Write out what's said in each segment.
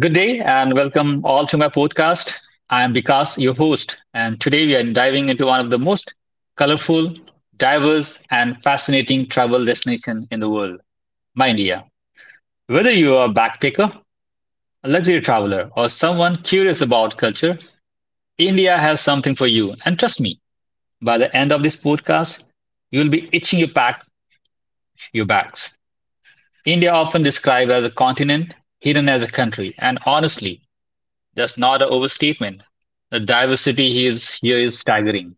Good day and welcome all to my podcast. I am Vikas, your host, and today we are diving into one of the most colorful, diverse, and fascinating travel destination in the world, my India. Whether you are a backpacker, a luxury traveler, or someone curious about culture, India has something for you. And trust me, by the end of this podcast, you'll be itching your pack, your bags. India often described as a continent, hidden as a country, and honestly, that's not an overstatement. The diversity here is staggering.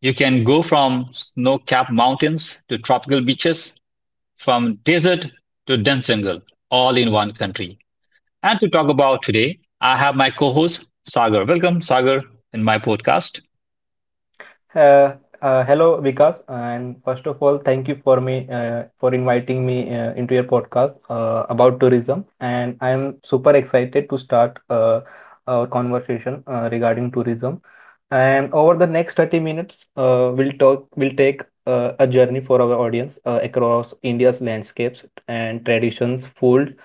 You can go from snow capped mountains to tropical beaches, from desert to dense jungle, all in one country. And to talk about today, I have my co host, Sagar. Welcome, Sagar, in my podcast. Uh, Hello, Vikas, and first of all, thank you for me for inviting me into your podcast about tourism. And I am super excited to start our conversation regarding tourism. And over the next 30 minutes, we'll talk, we'll take a journey for our audience across India's landscapes and traditions, food,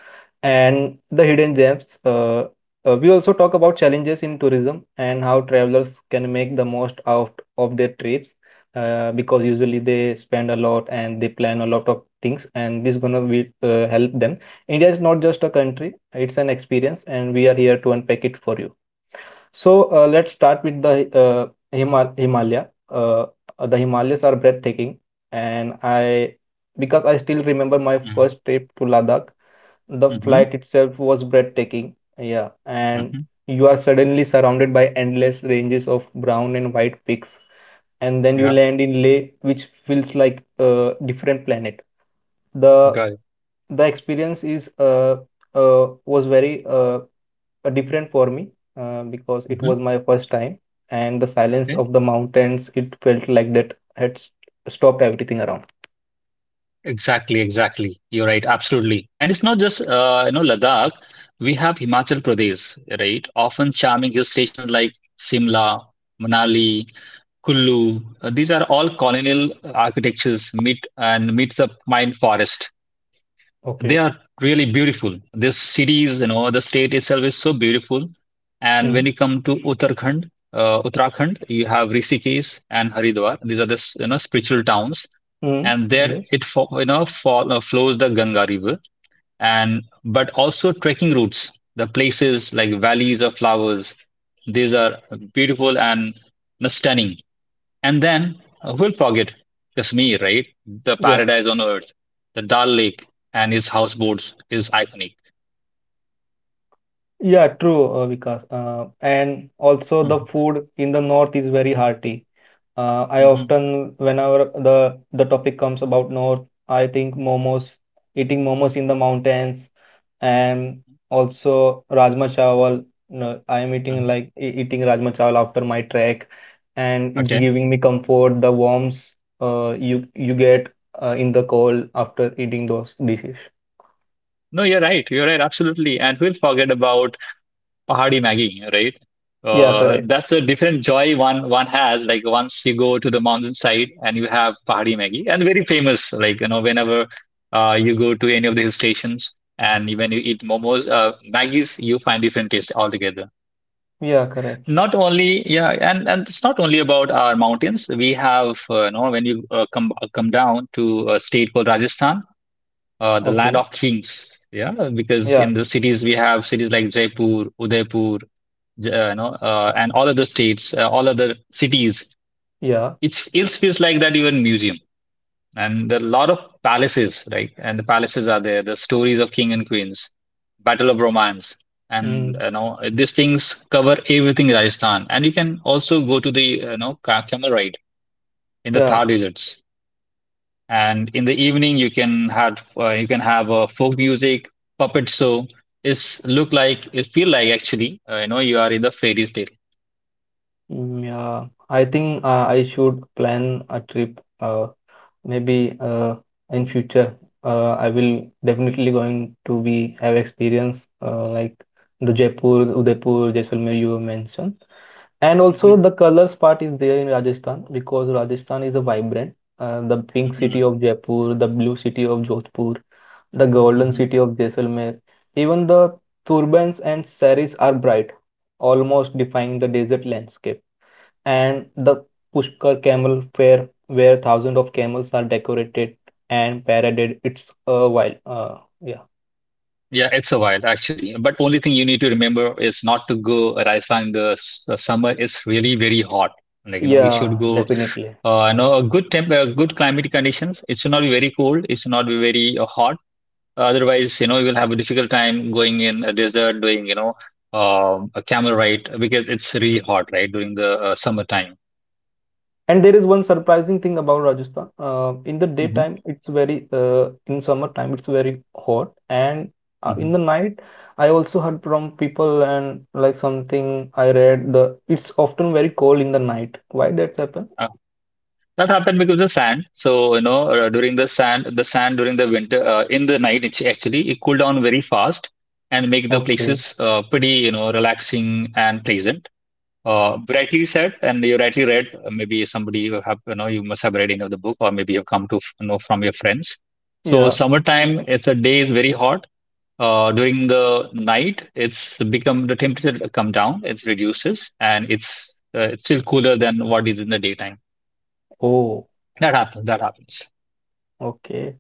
and the hidden gems. We also talk about challenges in tourism and how travelers can make the most out of their trips because usually they spend a lot and they plan a lot of things, and this gonna be, help them. India is not just a country, it's an experience, and we are here to unpack it for you. So, let's start with the Himalaya. The Himalayas are breathtaking, and I because I still remember my first trip to Ladakh. The Mm-hmm. flight itself was breathtaking. Yeah, and Mm-hmm. you are suddenly surrounded by endless ranges of brown and white peaks, and then you Yeah, land in Leh, which feels like a different planet. The got it. the experience is was very different for me because it Mm-hmm. was my first time, and the silence of the mountains, it felt like that had stopped everything around. Exactly, exactly. You're right, absolutely. And it's not just you know Ladakh. We have Himachal Pradesh, right? Often charming hill stations like Simla, Manali, Kullu. These are all colonial architectures meet and meets the pine forest. They Okay. are really beautiful. This cities, you know, the state itself is so beautiful. And Mm-hmm. when you come to Uttarakhand, you have Rishikesh and Haridwar. These are the you know spiritual towns, and there Mm-hmm. it you know fall, flows the Ganga River. And but also trekking routes, the places like valleys of flowers. These are beautiful and, you know, stunning. And then who'll forget Kashmir, right? The Yes. paradise on earth, the Dal Lake and his houseboats is iconic. Yeah, true, Vikas. And also hmm the food in the north is very hearty. I hmm often, whenever the topic comes about north, I think momos, eating momos in the mountains, and also Rajma Chawal. No, I am eating hmm like eating Rajma Chawal after my trek, and it's Okay. giving me comfort, the warmth you get in the cold after eating those dishes. No, you're right. You're right. Absolutely. And we will forget about Pahadi Maggie, right? Yeah, correct. That's a different joy one has. Like once you go to the mountainside and you have Pahadi Maggie, and very famous. Like you know, whenever you go to any of the hill stations and when you eat momos, Maggie's, you find different taste altogether. Yeah, correct. Not only, yeah, and it's not only about our mountains. We have, you know, when you come down to a state called Rajasthan, the land Okay. of kings. Yeah, because Yeah, in the cities we have cities like Jaipur, Udaipur, you know, and all other states, all other cities. yeah. It feels like that you're in museum. And there are a lot of palaces, right? And the palaces are there, the stories of king and queens, battle of romance, and Mm, you know these things cover everything in Rajasthan. And you can also go to the, you know, camel ride in the Thar yeah, deserts and in the evening you can have folk music, puppet show. It's look like it feel like actually, you know, you are in the fairy tale. mm, yeah. I think I should plan a trip. Maybe in future, I will definitely going to be have experience like the Jaipur, Udaipur, Jaisalmer you mentioned, and also Mhm, the colors part is there in Rajasthan because Rajasthan is a vibrant. The pink mhm, city of Jaipur, the blue city of Jodhpur, the golden mhm. city of Jaisalmer. Even the turbans and saris are bright, almost defying the desert landscape. And the Pushkar camel fair, where thousands of camels are decorated and paraded, it's a wild. Yeah, Yeah, it's a while actually. But only thing you need to remember is not to go Rajasthan in the the summer. It's really very hot. Like you know, you should yeah, go. definitely. You know, a good good climate conditions. It should not be very cold. It should not be very hot. Otherwise, you know, you will have a difficult time going in a desert, doing you know, a camel ride because it's really hot, right, during the summertime. And there is one surprising thing about Rajasthan. Uh, in the hmm daytime, it's very uh, in summertime, it's very hot, and hmm in the night, I also heard from people and like something I read the it's often very cold in the night. Why that's happen? Uh, that happened because of the sand. So you know, during the sand during the winter, in the night, it's actually it cool down very fast and make the Okay. places pretty, you know, relaxing and pleasant. Rightly said, and you rightly read. Maybe somebody you have, you know, you must have read any of the book, or maybe you've come to know from your friends. So, Yeah. summertime, it's a day is very hot. During the night, it's become the temperature come down, it reduces, and it's still cooler than what is in the daytime. Oh. That happens. That happens. Okay.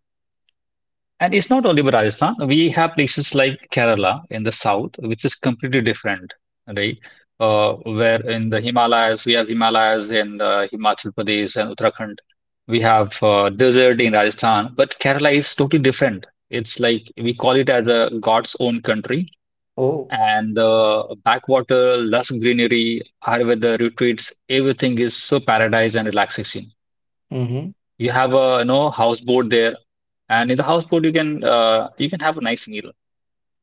And it's not only Rajasthan. We have places like Kerala in the south, which is completely different, right? Where in the Himalayas, we have Himalayas in Himachal Pradesh and Uttarakhand. We have desert in Rajasthan, but Kerala is totally different. It's like we call it as a God's own country. Oh. And the backwater, lush greenery, Ayurveda retreats, everything is so paradise and relaxation. Mm-hmm. You have a you know houseboat there, and in the houseboat you can have a nice meal.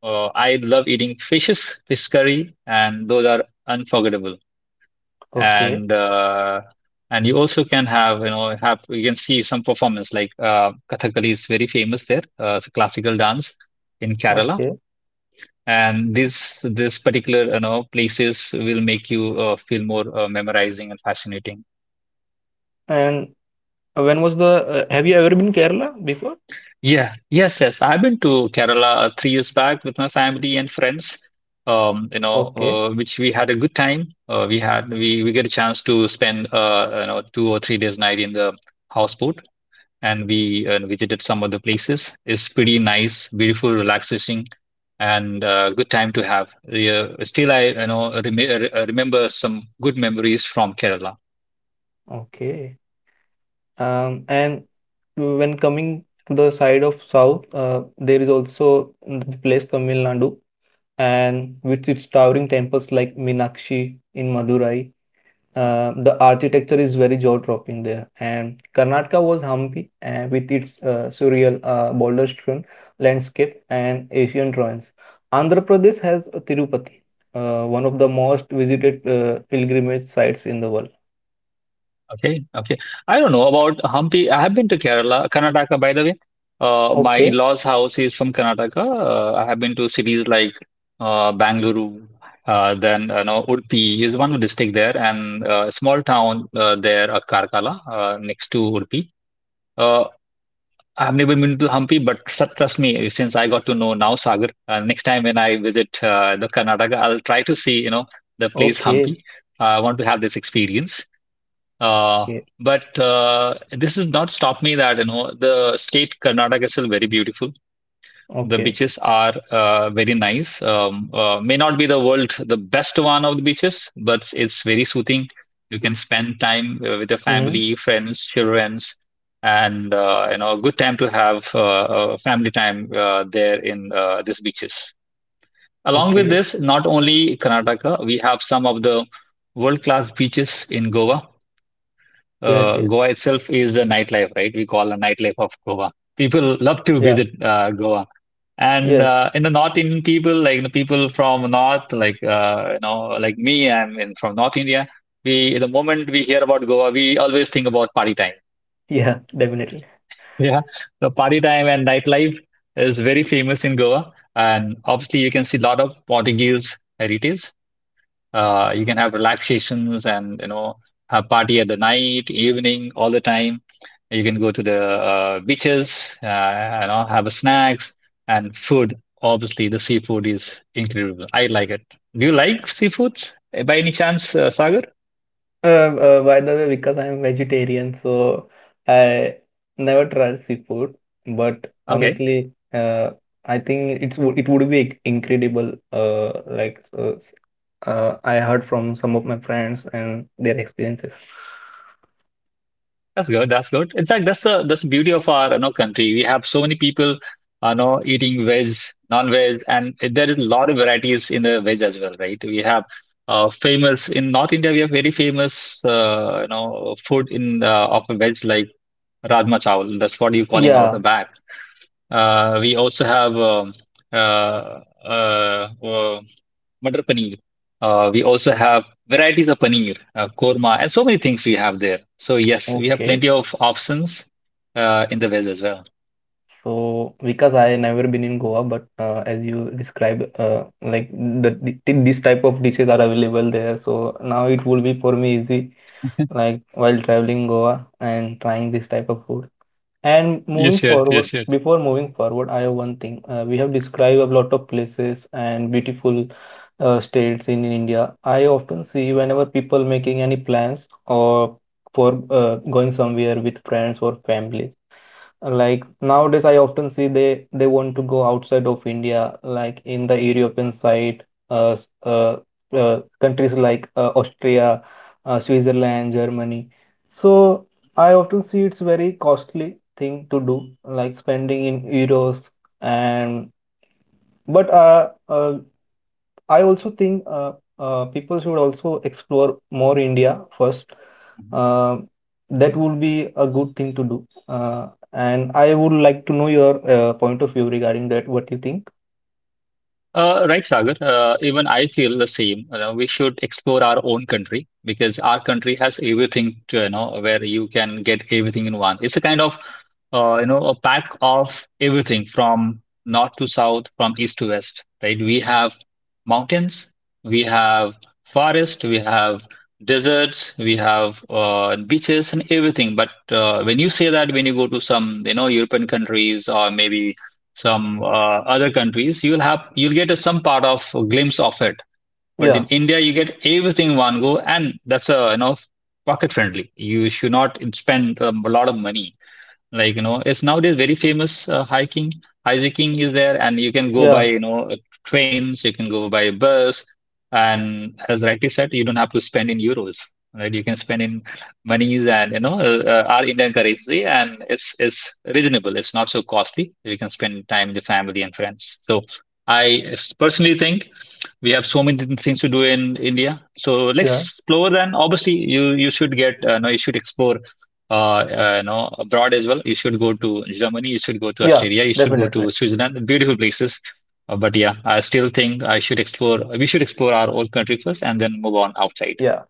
I love eating fishes, fish curry, and those are unforgettable. Okay. And uh, and you also can have, you know, have you can see some performance like Kathakali is very famous there. It's a classical dance in Kerala, Okay. and this particular you know places will make you feel more memorizing and fascinating. And when was the? Have you ever been Kerala before? Yeah, yes, yes. I've been to Kerala 3 years back with my family and friends. You know, Okay. Which we had a good time. Uh, we get a chance to spend, you know, 2 or 3 days night in the houseboat and we visited some of the places. It's pretty nice, beautiful, relaxing, and good time to have. Yeah, still, I you know remember some good memories from Kerala. Okay. And when coming to the side of south, there is also the place Tamil Nadu, and with its towering temples like Meenakshi in Madurai, the architecture is very jaw-dropping there. And Karnataka was Hampi, and with its surreal boulder-strewn landscape and Asian ruins. Andhra Pradesh has Tirupati, one of the most visited pilgrimage sites in the world. Okay, okay. I don't know about Hampi. I have been to Kerala, Karnataka, by the way. My Okay, in-laws' house is from Karnataka. I have been to cities like Bangalore, then you know Udupi is one district there, and a small town there, Karkala, next to Udupi. Uh, I have never been to Hampi, but trust me, since I got to know now Sagar, next time when I visit the Karnataka, I'll try to see you know the place okay, Hampi. I want to have this experience. Uh, but this has not stopped me that you know the state Karnataka is still very beautiful. The okay, beaches are very nice. May not be the world the best one of the beaches, but it's very soothing. You can spend time with your okay. family, friends, children, and, you know, a good time to have family time there in these beaches. Along with Okay. this, not only Karnataka, we have some of the world class beaches in Goa. Yes, yes. Goa itself is a nightlife, right? We call a nightlife of Goa. People love to Yeah. visit Goa. And Yes. In the North Indian people, like the people from North, like, you know, like me, from North India. We, the moment we hear about Goa, we always think about party time. Yeah, definitely. Yeah, the party time and nightlife is very famous in Goa, and obviously you can see a lot of Portuguese heritage. You can have relaxations and you know have party at the night, evening, all the time. You can go to the beaches, you know, have a snacks and food. Obviously, the seafood is incredible. I like it. Do you like seafoods eh, by any chance, Sagar? By the way, because I'm vegetarian, so I never tried seafood, but Okay. honestly, I think it's it would be incredible. I heard from some of my friends and their experiences. That's good. That's good. In fact, that's the beauty of our you know country. We have so many people you know eating veg, non-veg, and there is a lot of varieties in the veg as well, right? We have famous in North India. We have very famous, you know, food in of veg like rajma chawal. That's what you're calling out a Yeah. back. We also have uh, uh, uh, Matar paneer. We also have varieties of paneer, korma, and so many things we have there. So yes, we have Okay. plenty of options in the veg as well. So, because I never been in Goa, but as you described, like the this type of dishes are available there. So now it will be for me easy, like while traveling Goa and trying this type of food. And Yes, moving sir. Yes, forward, sir. before moving forward, I have one thing. We have described a lot of places and beautiful states in India. I often see whenever people making any plans or for going somewhere with friends or families. Like nowadays, I often see they want to go outside of India, like in the European side, uh, s- uh, countries like Austria, Switzerland, Germany. So I often see it's very costly thing to do, like spending in euros and but I also think people should also explore more India first. Uh, that would be a good thing to do. And I would like to know your point of view regarding that. What you think? Right, Sagar. Even I feel the same. You know, we should explore our own country because our country has everything to, you know, where you can get everything in one. It's a kind of, you know, a pack of everything from north to south, from east to west, right? We have mountains, we have forest, we have deserts, we have beaches and everything. But when you say that, when you go to some, you know, European countries or maybe some other countries, you'll get a, some part of a glimpse of it. But in Yeah, India, you get everything in one go, and that's a you know pocket friendly. You should not spend a lot of money, like, it's nowadays very famous, hiking is there, and you can go by, yeah, trains, you can go by bus. And as rightly said, you don't have to spend in euros, right? You can spend in monies, and our Indian currency. And it's reasonable, it's not so costly. You can spend time with the family and friends. So I personally think we have so many different things to do in India. So let's yeah, explore. Then obviously you should get no, you should explore, abroad as well. You should go to Germany, you should go to yeah, Australia, you should go definitely. to Switzerland, beautiful places. But yeah, I still think I should explore, we should explore our own country first and then move on outside. Yeah.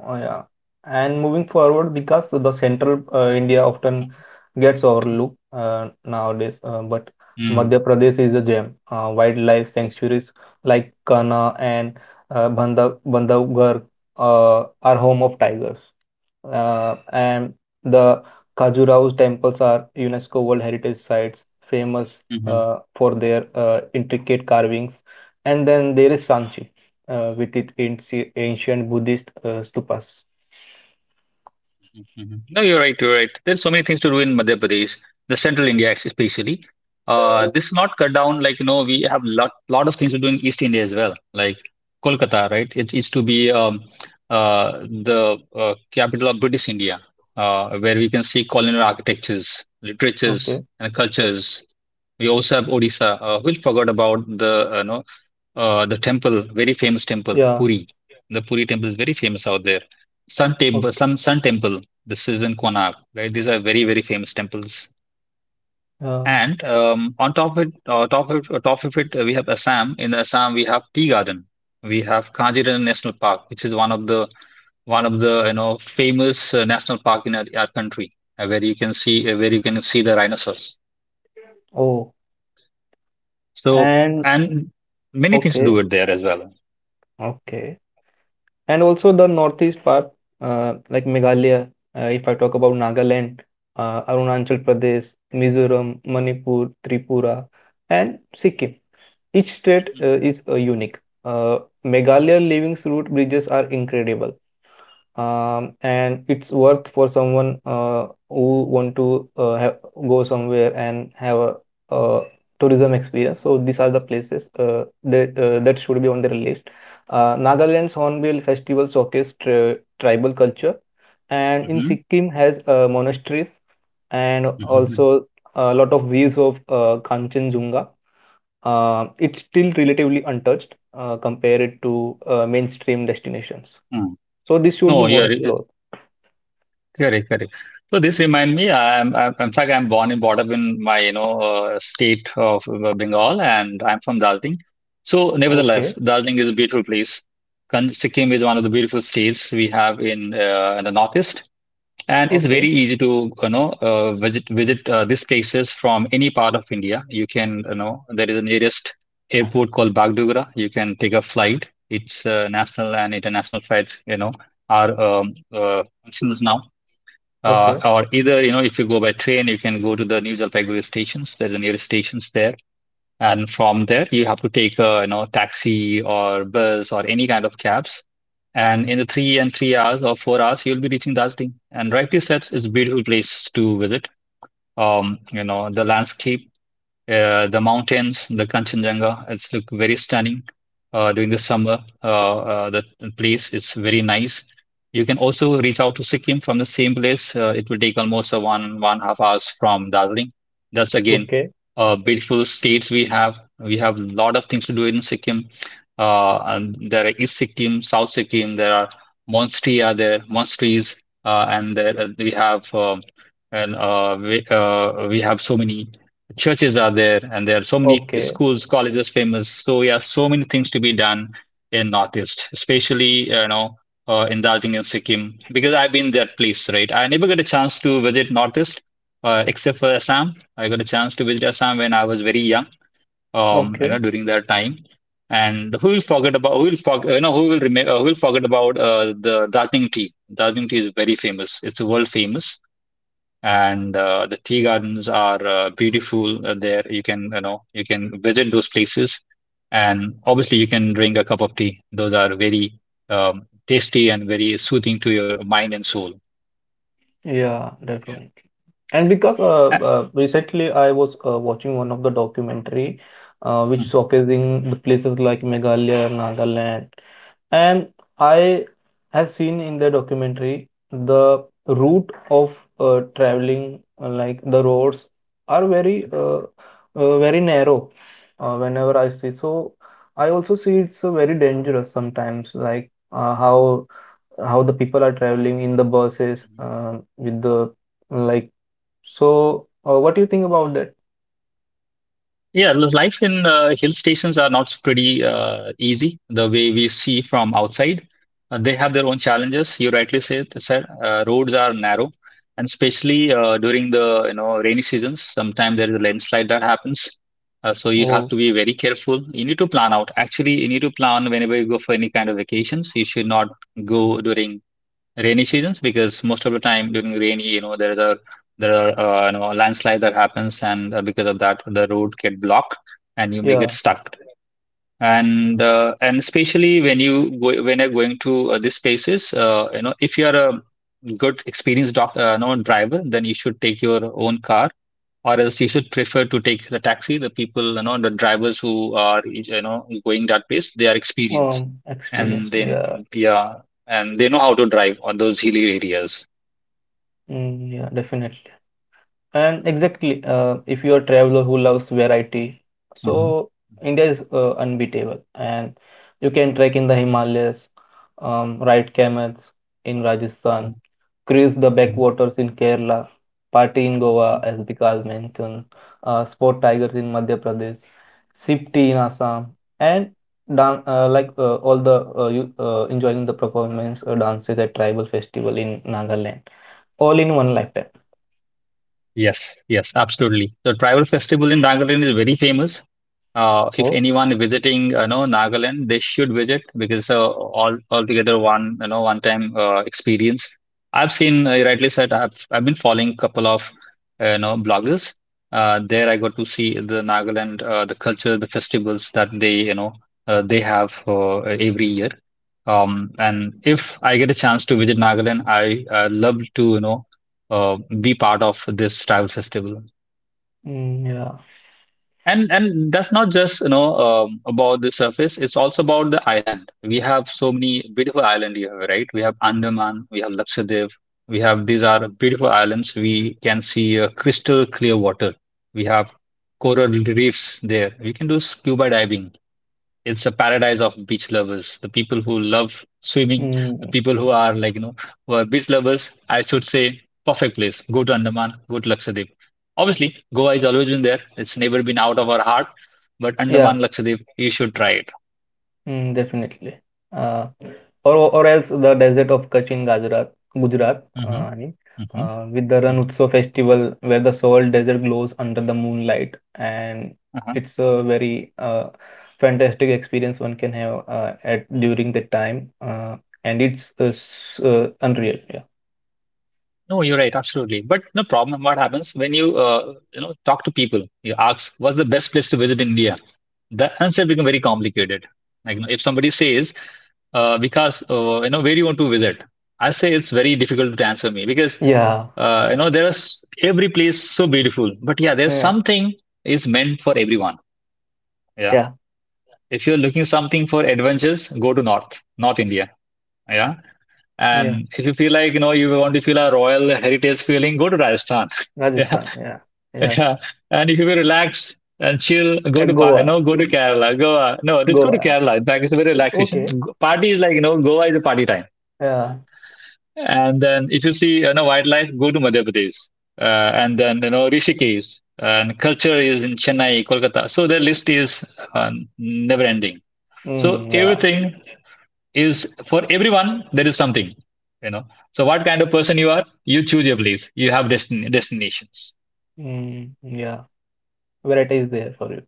Oh, yeah. And moving forward, because the central India often gets overlooked nowadays, but Madhya Mm. Pradesh is a gem. Wildlife Yes. sanctuaries like Kana and Bandhavgarh are home of tigers. And the Khajuraho's temples are UNESCO World Heritage Sites, famous Mm-hmm. For their intricate carvings. And then there is Sanchi with its ancient Buddhist stupas. Mhm. No, you're right. You're right. There's so many things to do in Madhya Pradesh, the central India, especially. This not cut down, like, we have lot of things to do in East India as well, like Kolkata, right? It is to be, the capital of British India, where we can see colonial architectures, literatures, Okay. and cultures. We also have Odisha. We forgot about the, the temple, very famous temple, Yeah. Puri. The Puri temple is very famous out there. Sun temple, Okay. some Sun temple. This is in Konark, right? These are very, very famous temples. Uh, And on top of it, we have Assam. In Assam, we have Tea Garden. We have Kaziranga National Park, which is one of the famous national park in our country, where you can see the rhinoceros. oh, So, and and many things to do okay. it there as well. Okay. And also the northeast part, like Meghalaya. If I talk about Nagaland, Arunachal Pradesh, Mizoram, Manipur, Tripura, and Sikkim. Each state is unique. Uh, Meghalaya living route bridges are incredible. Um, and it's worth for someone who want to have, go somewhere and have a, uh tourism experience. So these are the places that should be on their list. Nagaland's Hornbill Festival showcases tribal culture, and in Hmm. Sikkim has monasteries and also a lot of views of Kanchenjunga. It's still relatively untouched compared to mainstream destinations. Hmm. So this should be No, more explored. correct, correct. So this remind me, I'm, in fact I'm born and brought up in my, state of Bengal, and I'm from Darjeeling. So nevertheless, Okay, Darjeeling is a beautiful place. Sikkim is one of the beautiful states we have in the northeast, and it's very okay, easy to, you know, visit these places from any part of India. You can, you know, there is a nearest airport called Bagdogra. You can take a flight. It's national and international flights, you know, are options now. Uh, okay, or either, you know, if you go by train, you can go to the New Jalpaiguri stations. There's the nearest stations there. And from there, you have to take a, you know, taxi or bus or any kind of cabs. And in the 3 and 3 hours or 4 hours, you'll be reaching Darjeeling. And rightly said, it's a beautiful place to visit. You know, the landscape, the mountains, the Kanchenjunga, it's look very stunning during the summer. The place is very nice. You can also reach out to Sikkim from the same place. It will take almost a 1.5 hours from Darjeeling. That's again okay, beautiful states we have. We have a lot of things to do in Sikkim. And there are East Sikkim, South Sikkim. There are monasteries are there, monasteries, and there, we have and we have so many churches are there, and there are so many okay, schools, colleges famous, so yeah, so many things to be done in northeast, especially, in Darjeeling and Sikkim. Because I've been that place, right? I never got a chance to visit northeast, except for Assam. I got a chance to visit Assam when I was very young, you okay. know, during that time. And who will forget about the Darjeeling tea. Darjeeling tea is very famous, it's world famous. And the tea gardens are beautiful. There you can, you know, you can visit those places. And obviously you can drink a cup of tea. Those are very tasty and very soothing to your mind and soul. Yeah, definitely. And because Uh, recently I was watching one of the documentary which mhm. showcasing the places like Meghalaya, Nagaland. And I have seen in the documentary the route of traveling, like the roads are very very narrow whenever I see. So I also see it's very dangerous sometimes, like how the people are traveling in the buses with the like. So what do you think about that? Yeah, life in hill stations are not pretty easy the way we see from outside. They have their own challenges. You rightly said roads are narrow, and especially during the, rainy seasons, sometimes there is a landslide that happens. So you have Oh to be very careful. You need to plan out. Actually, you need to plan whenever you go for any kind of vacations. You should not go during rainy seasons, because most of the time during rainy, there are a landslide that happens, and because of that the road get blocked, and you may get yeah, stuck. And especially when you go, when you're going to these spaces, if you are a good experienced doc, you driver, then you should take your own car, or else you should prefer to take the taxi. The people, you know, the drivers who are, you know, going that place, they are experienced, experience. and then Yeah, yeah, and they know how to drive on those hilly areas. mm, yeah, definitely. And exactly, if you're a traveler who loves variety, Mhm, so India is unbeatable. And you can trek in the Himalayas, ride camels in Rajasthan, mhm, cruise the mhm, backwaters in Kerala, party in Goa, mhm. as Vikas mentioned, spot tigers in Madhya Pradesh, sip tea in Assam, and dan like all the you enjoying the performance dances at tribal festival in Nagaland, all in one lifetime. Yes, yes, absolutely. The tribal festival in Nagaland is very famous. If Oh, anyone visiting, you know, Nagaland, they should visit because it's a all altogether one, you know, one time experience. I've seen, you rightly said, I've been following a couple of, you know, bloggers. There I got to see the Nagaland, the culture, the festivals that they, you know, they have every year. And if I get a chance to visit Nagaland, I love to, uh, be part of this travel festival. mm, yeah. And that's not just, about the surface. It's also about the island. We have so many beautiful island here, right? We have Andaman, we have Lakshadweep, we have, these are beautiful islands. We can see crystal clear water. We have coral reefs there. We can do scuba diving, it's a paradise of beach lovers. The people who love swimming, the Mm, people who are like, you know, who are beach lovers, I should say, perfect place. Go to Andaman, go to Lakshadweep. Obviously, Goa is always been there. It's never been out of our heart. But yeah, Andaman, Lakshadweep, you should try it. mm, definitely. Uh, or else the desert of Kutch in Gujarat, Hmm. I mean, with the Hmm. Ran Utsav festival where the salt desert glows under the moonlight, and it's a very fantastic experience one can have at during that time, and it's unreal. Yeah. No, you're right, absolutely. But no problem. What happens when you you know talk to people? You ask, "What's the best place to visit in India?" The answer becomes very complicated. Like, you know, if somebody says, "Because, where do you want to visit?" I say it's very difficult to answer me because, Yeah. There is, every place so beautiful. But yeah, there's Yeah. something is meant for everyone. Yeah, Yeah. if you're looking something for adventures, go to North India. Yeah. Yeah. And if you feel like, you know, you want to feel a royal heritage feeling, go to Rajasthan. Yeah. Rajasthan. Yeah. Yeah. Yeah. And if you will relax and chill, go Yeah. to, you Goa. know, go to Kerala, Goa. No, just go to Goa. Kerala. In fact, it's a very relaxation. Okay. Party is like, you know, Goa is a party time. Yeah. And then if you see, you know, wildlife, go to Madhya Pradesh. And then, you know, Rishikesh. And culture is in Chennai, Kolkata. So the list is, uh, never ending. So Mm, yeah. everything is for everyone, there is something, you know. So what kind of person you are, you choose your place, you have destinations. Mm, yeah, variety is there for you.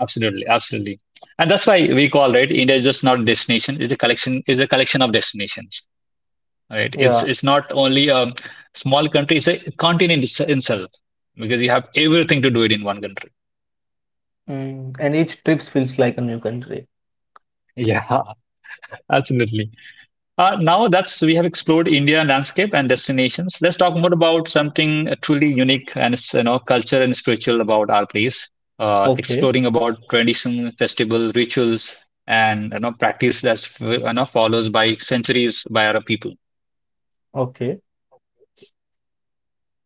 Absolutely, absolutely. And that's why we call, right, India is just not a destination, It's a collection of destinations. Right, it's Yeah, it's not only a small country, it's a continent, itself. Because you have everything to do it in one country. mm, and each trip feels like a new country. Yeah. Absolutely. Now that's we have explored India landscape and destinations. Let's talk more about something truly unique and, culture and spiritual about our place. Uh, Okay. exploring about tradition, festival, rituals, and, practice that's, follows by centuries by our people. Okay,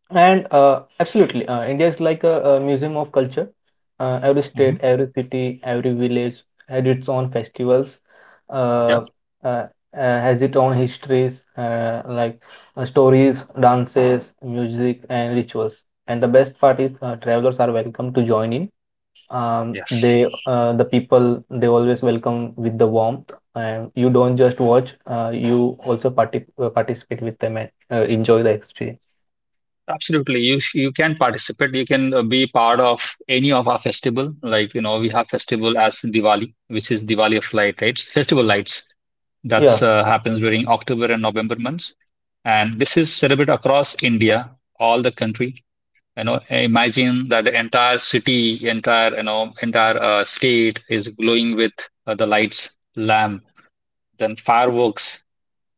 and absolutely, India is like a museum of culture. Every state, Mhm. every city, every village had its own festivals, Yeah. uh, uh, uh, has its own histories, like stories, dances, music, and Mhm. rituals. And the best part is, travelers are welcome to join in Yes. The people they always welcome with the warmth and you don't just watch you also participate with them and enjoy the experience Absolutely. You can participate. You can be part of any of our festival. Like, you know, we have festival as Diwali, which is Diwali of light, right? Festival lights. yeah. That's happens during October and November months. And this is celebrated across India, all the country. You know, imagine that the entire city, entire, you know, entire state is glowing with the lights, lamp, then fireworks,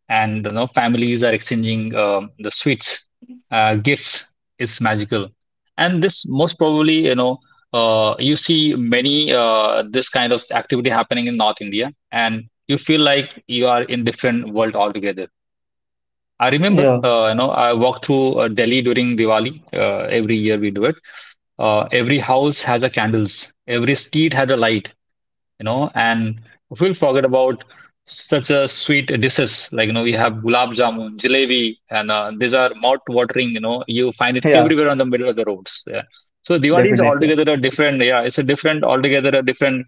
and you know families are exchanging the sweets, gifts. It's magical. And this most probably you know, you see many, this kind of activity happening in North India, and you feel like you are in different world altogether. I remember Yeah. You know I walked through Delhi during Diwali. Every year we do it. Every house has a candles, every street has a light, you know, and we'll forget about such a sweet dishes. Like you know, we have gulab jamun, jalebi, and these are mouth-watering. You know, you find it Yeah, everywhere on the middle of the roads. Yeah. So Diwali is definitely. altogether a different. Yeah, it's a different altogether a different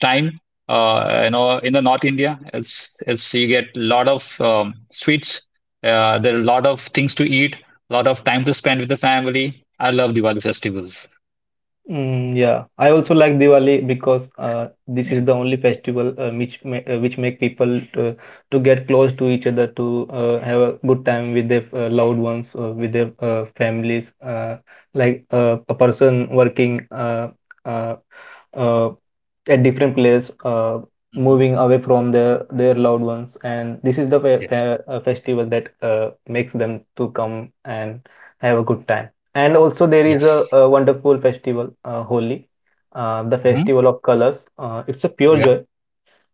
time. You know, in the North India, it's you get a lot of sweets. There are a lot of things to eat, a lot of time to spend with the family. I love Diwali festivals. Mm, yeah, I also like Diwali because this is the only festival which make people to get close to each other to have a good time with their loved ones with their families a person working uh, uh, at different place Hmm. moving away from their loved ones and this is the Yes. Festival that makes them to come and have a good time. And also there is Yes. a wonderful festival, Holi, the Hmm. festival of colors. It's a pure Yeah. joy.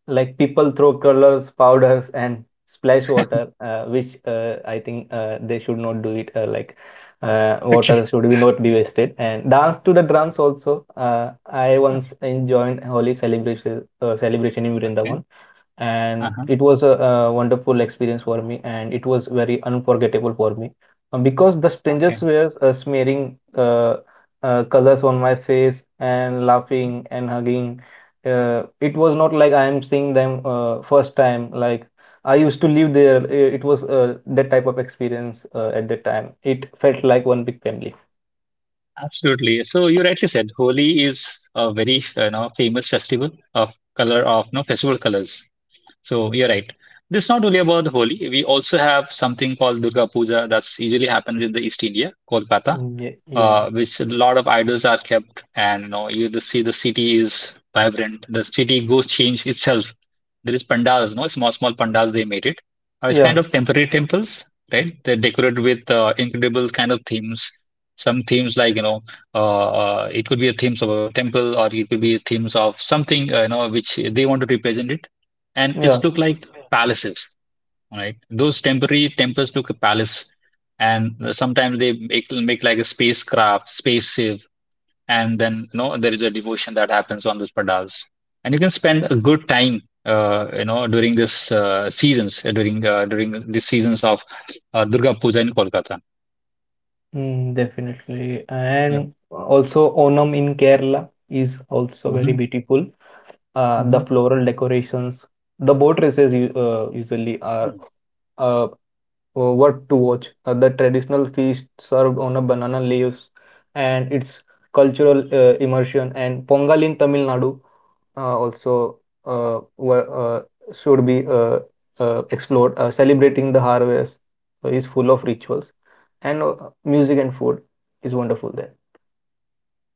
Like people throw colors, powders, and splash water, which I think they should not do it. Like Okay. water should be not be wasted. And dance to the drums also. I once enjoyed Holi celebration celebration in Okay. Vrindavan and Uh-huh. it was a, wonderful experience for me and it was very unforgettable for me. Because the strangers Okay. were smearing uh, colors on my face and Mhm. laughing and hugging, it was not like I am seeing them first time like I used to live there. It was that type of experience at that time. It felt like one big family. Absolutely. So you rightly said Holi is a very you know famous festival of color of no festival colors. So you're right. This is not only about Holi. We also have something called Durga Puja that's usually happens in the East India, Kolkata. Mm, yeah. Which a lot of idols are kept, and you know you just see the city is vibrant. The city goes change itself. There is pandals, no small small pandals they made it. It's Yeah. kind of temporary temples, right? They're decorated with incredible kind of themes. Some themes like you know, it could be a themes of a temple, or it could be themes of something you know which they want to represent it, and Yeah. it's look like palaces, right? Those temporary temples look a palace, and sometimes they make like a spacecraft, spaceship, and then you know there is a devotion that happens on those pandals, and you can spend a good time. You know, during this seasons, during the seasons of Durga Puja in Kolkata. Mm, definitely. Yeah. And wow. also Onam in Kerala is also very Hmm. beautiful. The Hmm. floral decorations, the boat races usually are uh, worth to watch. The traditional feast served on a banana leaves and its cultural immersion and Pongal in Tamil Nadu also uh, were, uh, should be explored. Celebrating the harvest is full of rituals and music and food is wonderful there.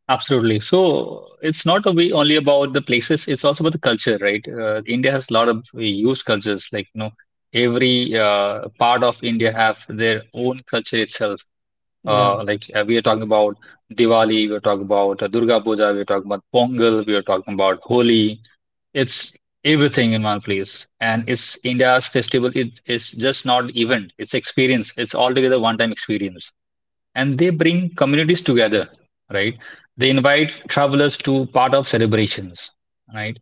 Absolutely. So it's not a way only about the places, it's also about the culture, right? India has a lot of use cultures, like, you know, every part of India have their own culture itself. Yeah. Like we are talking about Diwali, we are talking about Durga Puja, we are talking about Pongal, we are talking about Holi. It's everything in one place. And it's India's festival, it is just not event, it's experience. It's altogether one-time experience, and they bring communities together, right? They invite travelers to part of celebrations, right?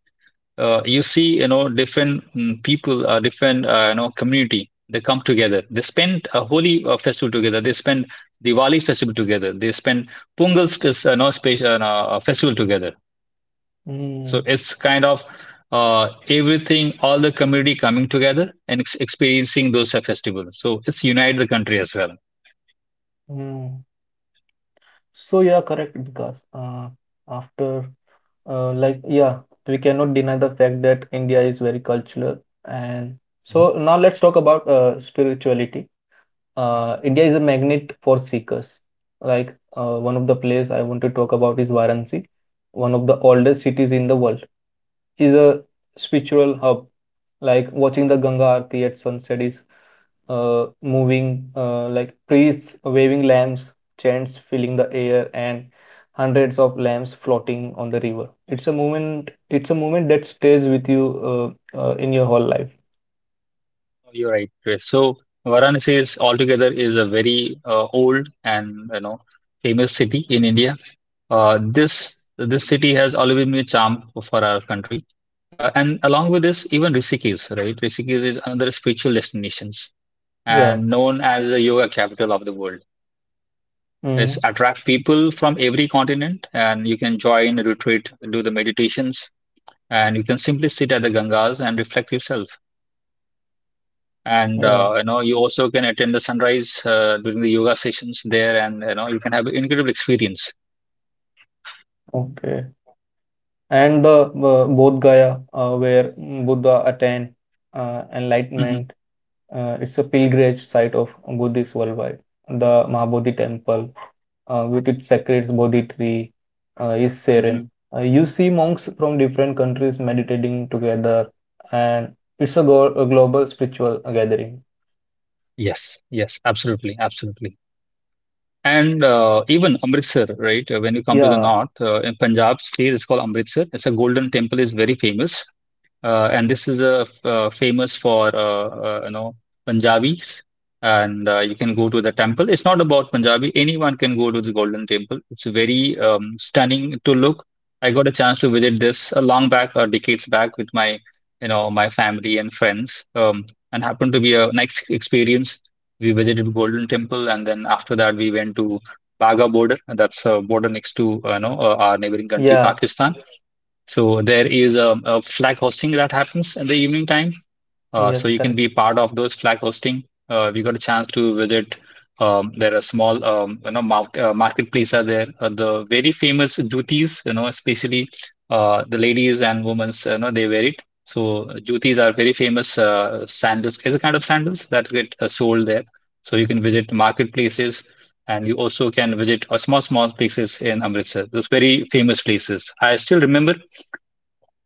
You see you know different people, different you know community. They come together, they spend a holy festival together, they spend Diwali festival together, they spend no, space, no, festival together. So Mm, it's kind of uh, everything all the community coming together and experiencing those festivals. So it's unite the country as well. mm. So you are correct because after yeah, we cannot deny the fact that India is very cultural. And so now let's talk about spirituality. Mhm. India is a magnet for seekers. One of the place I want to talk about is Varanasi, one of the oldest cities in the world, is a spiritual hub, like watching the Ganga Aarti at sunset is moving, like priests waving lamps, chants filling the air, and hundreds of lamps floating on the river. It's a moment. It's a moment that stays with you in your whole life. Oh, you're right, Chris. So Varanasi is altogether is a very old and you know famous city in India. This city has always been a charm for our country, and along with this, even Rishikesh, right? Rishikesh is another spiritual destinations Yeah. and known as the yoga capital of the world. It's Mm, attract people from every continent, and you can join a retreat, do the meditations, and you can simply sit at the Gangas and reflect yourself. And yeah. You know you also can attend the sunrise during the yoga sessions there, and you know you can have an incredible experience. Okay. And the Bodh Gaya, where Buddha attained Hmm. enlightenment. It's a pilgrimage site of Buddhists worldwide. The Mahabodhi temple, with its sacred Bodhi tree, is serene. Hmm. You see monks from different countries meditating together, and it's a, a global spiritual gathering. Yes, yes, absolutely, absolutely. And even Amritsar, right? When you come to the Yeah, north, in Punjab state, it's called Amritsar. It's a Golden Temple is very famous. And this is famous for you know Punjabis, and you can go to the temple. It's not about Punjabi; anyone can go to the Golden Temple. It's very stunning to look. I got a chance to visit this a long back, or decades back, with my you know my family and friends, and happened to be a nice experience. We visited Golden Temple, and then after that we went to Baga border. And that's a border next to you know our neighboring country, yeah, Pakistan. So there is a flag hosting that happens in the evening time. So yes, you can correct. be part of those flag hosting. We got a chance to visit. There are small, you know, marketplace are there. The very famous jutis, you know, especially the ladies and women's, you know, they wear it. So jutis are very famous sandals. Is a kind of sandals that get sold there. So you can visit marketplaces, and you also can visit small, small places in Amritsar. Those very famous places. I still remember,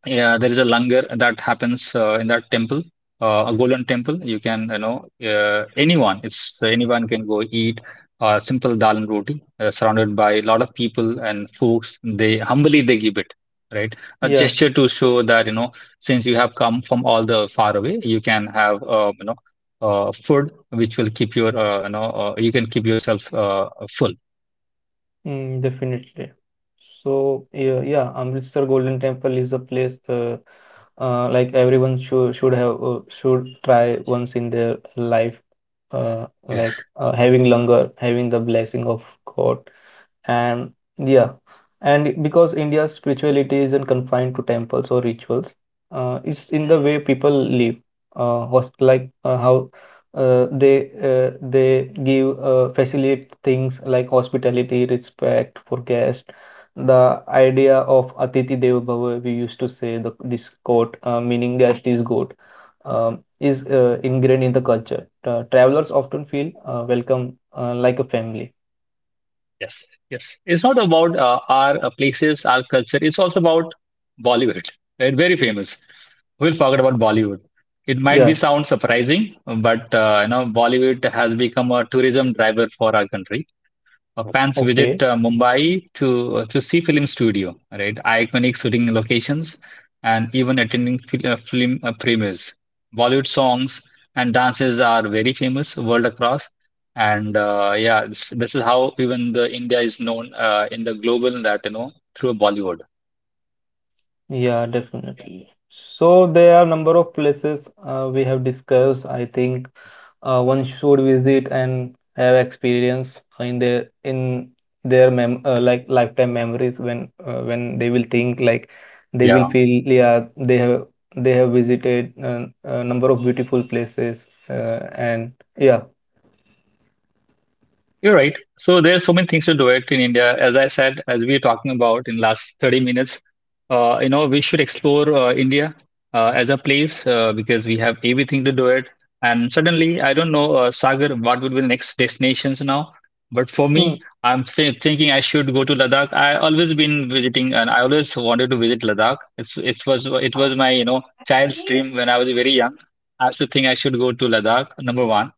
yeah, there is a langar that happens in that temple, a golden temple. You can, you know, anyone, it's anyone can go eat simple dal and roti, surrounded by a lot of people and folks. They humbly they give it, right? A Yeah. gesture to show that, you know, since you have come from all the far away, you can have, you know, food which will keep your, you know, you can keep yourself full. Mm, definitely. So yeah, yeah, Amritsar Golden Temple is a place like everyone should have should try once in their life. Yeah. Having langar, having the blessing of God. And yeah, and because India's spirituality isn't confined to temples or rituals, it's in the way people live. How they give facilitate things like hospitality, respect for guests. The idea of Atithi Deva Bhava, we used to say the this quote, meaning guest is God, is ingrained in the culture. Travelers often feel welcome like a family. Yes, yes. It's not about our places, our culture. It's also about Bollywood, right? Very famous. We'll forget about Bollywood. It might be Yeah. sound surprising, but you know, Bollywood has become a tourism driver for our country. Fans Okay. visit Mumbai to see film studio, right? Iconic shooting locations, and even attending film premieres. Bollywood songs and dances are very famous world across, and yeah, this is how even the India is known in the global that you know through Bollywood. Yeah, definitely. So there are number of places we have discussed. I think one should visit and have experience in their mem like lifetime memories when they will think like they will Yeah. feel, yeah, they have visited a number of beautiful places and yeah. You're right. So there's so many things to do it in India. As I said, as we are talking about in last 30 minutes, you know, we should explore India as a place because we have everything to do it. And suddenly, I don't know, Sagar, what would be the next destinations now? But for Mm, me, I'm thinking I should go to Ladakh. I always been visiting, and I always wanted to visit Ladakh. It was my you know child's dream when I was very young. I used to think I should go to Ladakh. Number one.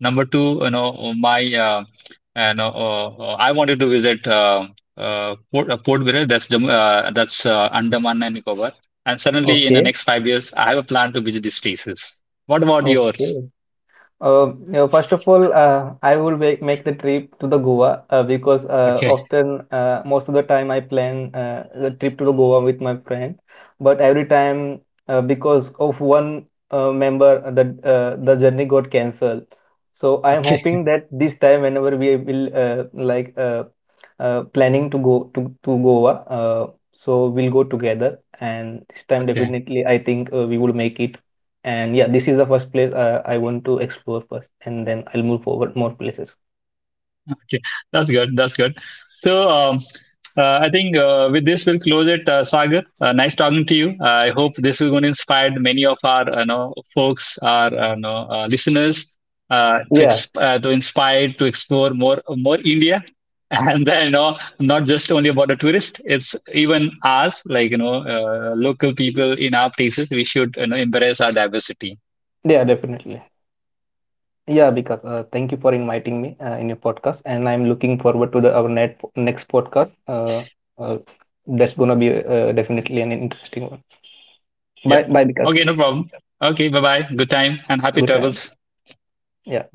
Number two, you know, my and I wanted to visit Port Viral. That's Andaman and Nicobar. And suddenly, in the okay. next 5 years, I have a plan to visit these places. What about yours? Okay. You know, first of all, I will make the trip to the Goa because Okay, often, most of the time, I plan the trip to the Goa with my friend. But every time, because of one member, the journey got cancelled. So I am okay, hoping that this time, whenever we will planning to go to Goa, so we'll go together. And this time, okay. definitely, I think we will make it. And yeah, this is the first place I want to explore first, and then I'll move forward more places. Okay, that's good. That's good. So, I think with this we'll close it, Sagar. Nice talking to you. I hope this is going to inspire many of our, you know, folks, our, you know, listeners, to, Yeah. To inspire to explore more, more India, and then you know, not just only about the tourist. It's even us, like you know, local people in our places. We should, you know, embrace our diversity. Yeah, definitely. Yeah, because thank you for inviting me in your podcast, and I'm looking forward to the next podcast. Uh, that's gonna be definitely an interesting one. Bye, Yeah. bye, because Okay, no problem. Okay, bye bye. Good time and happy good time. travels. Yeah.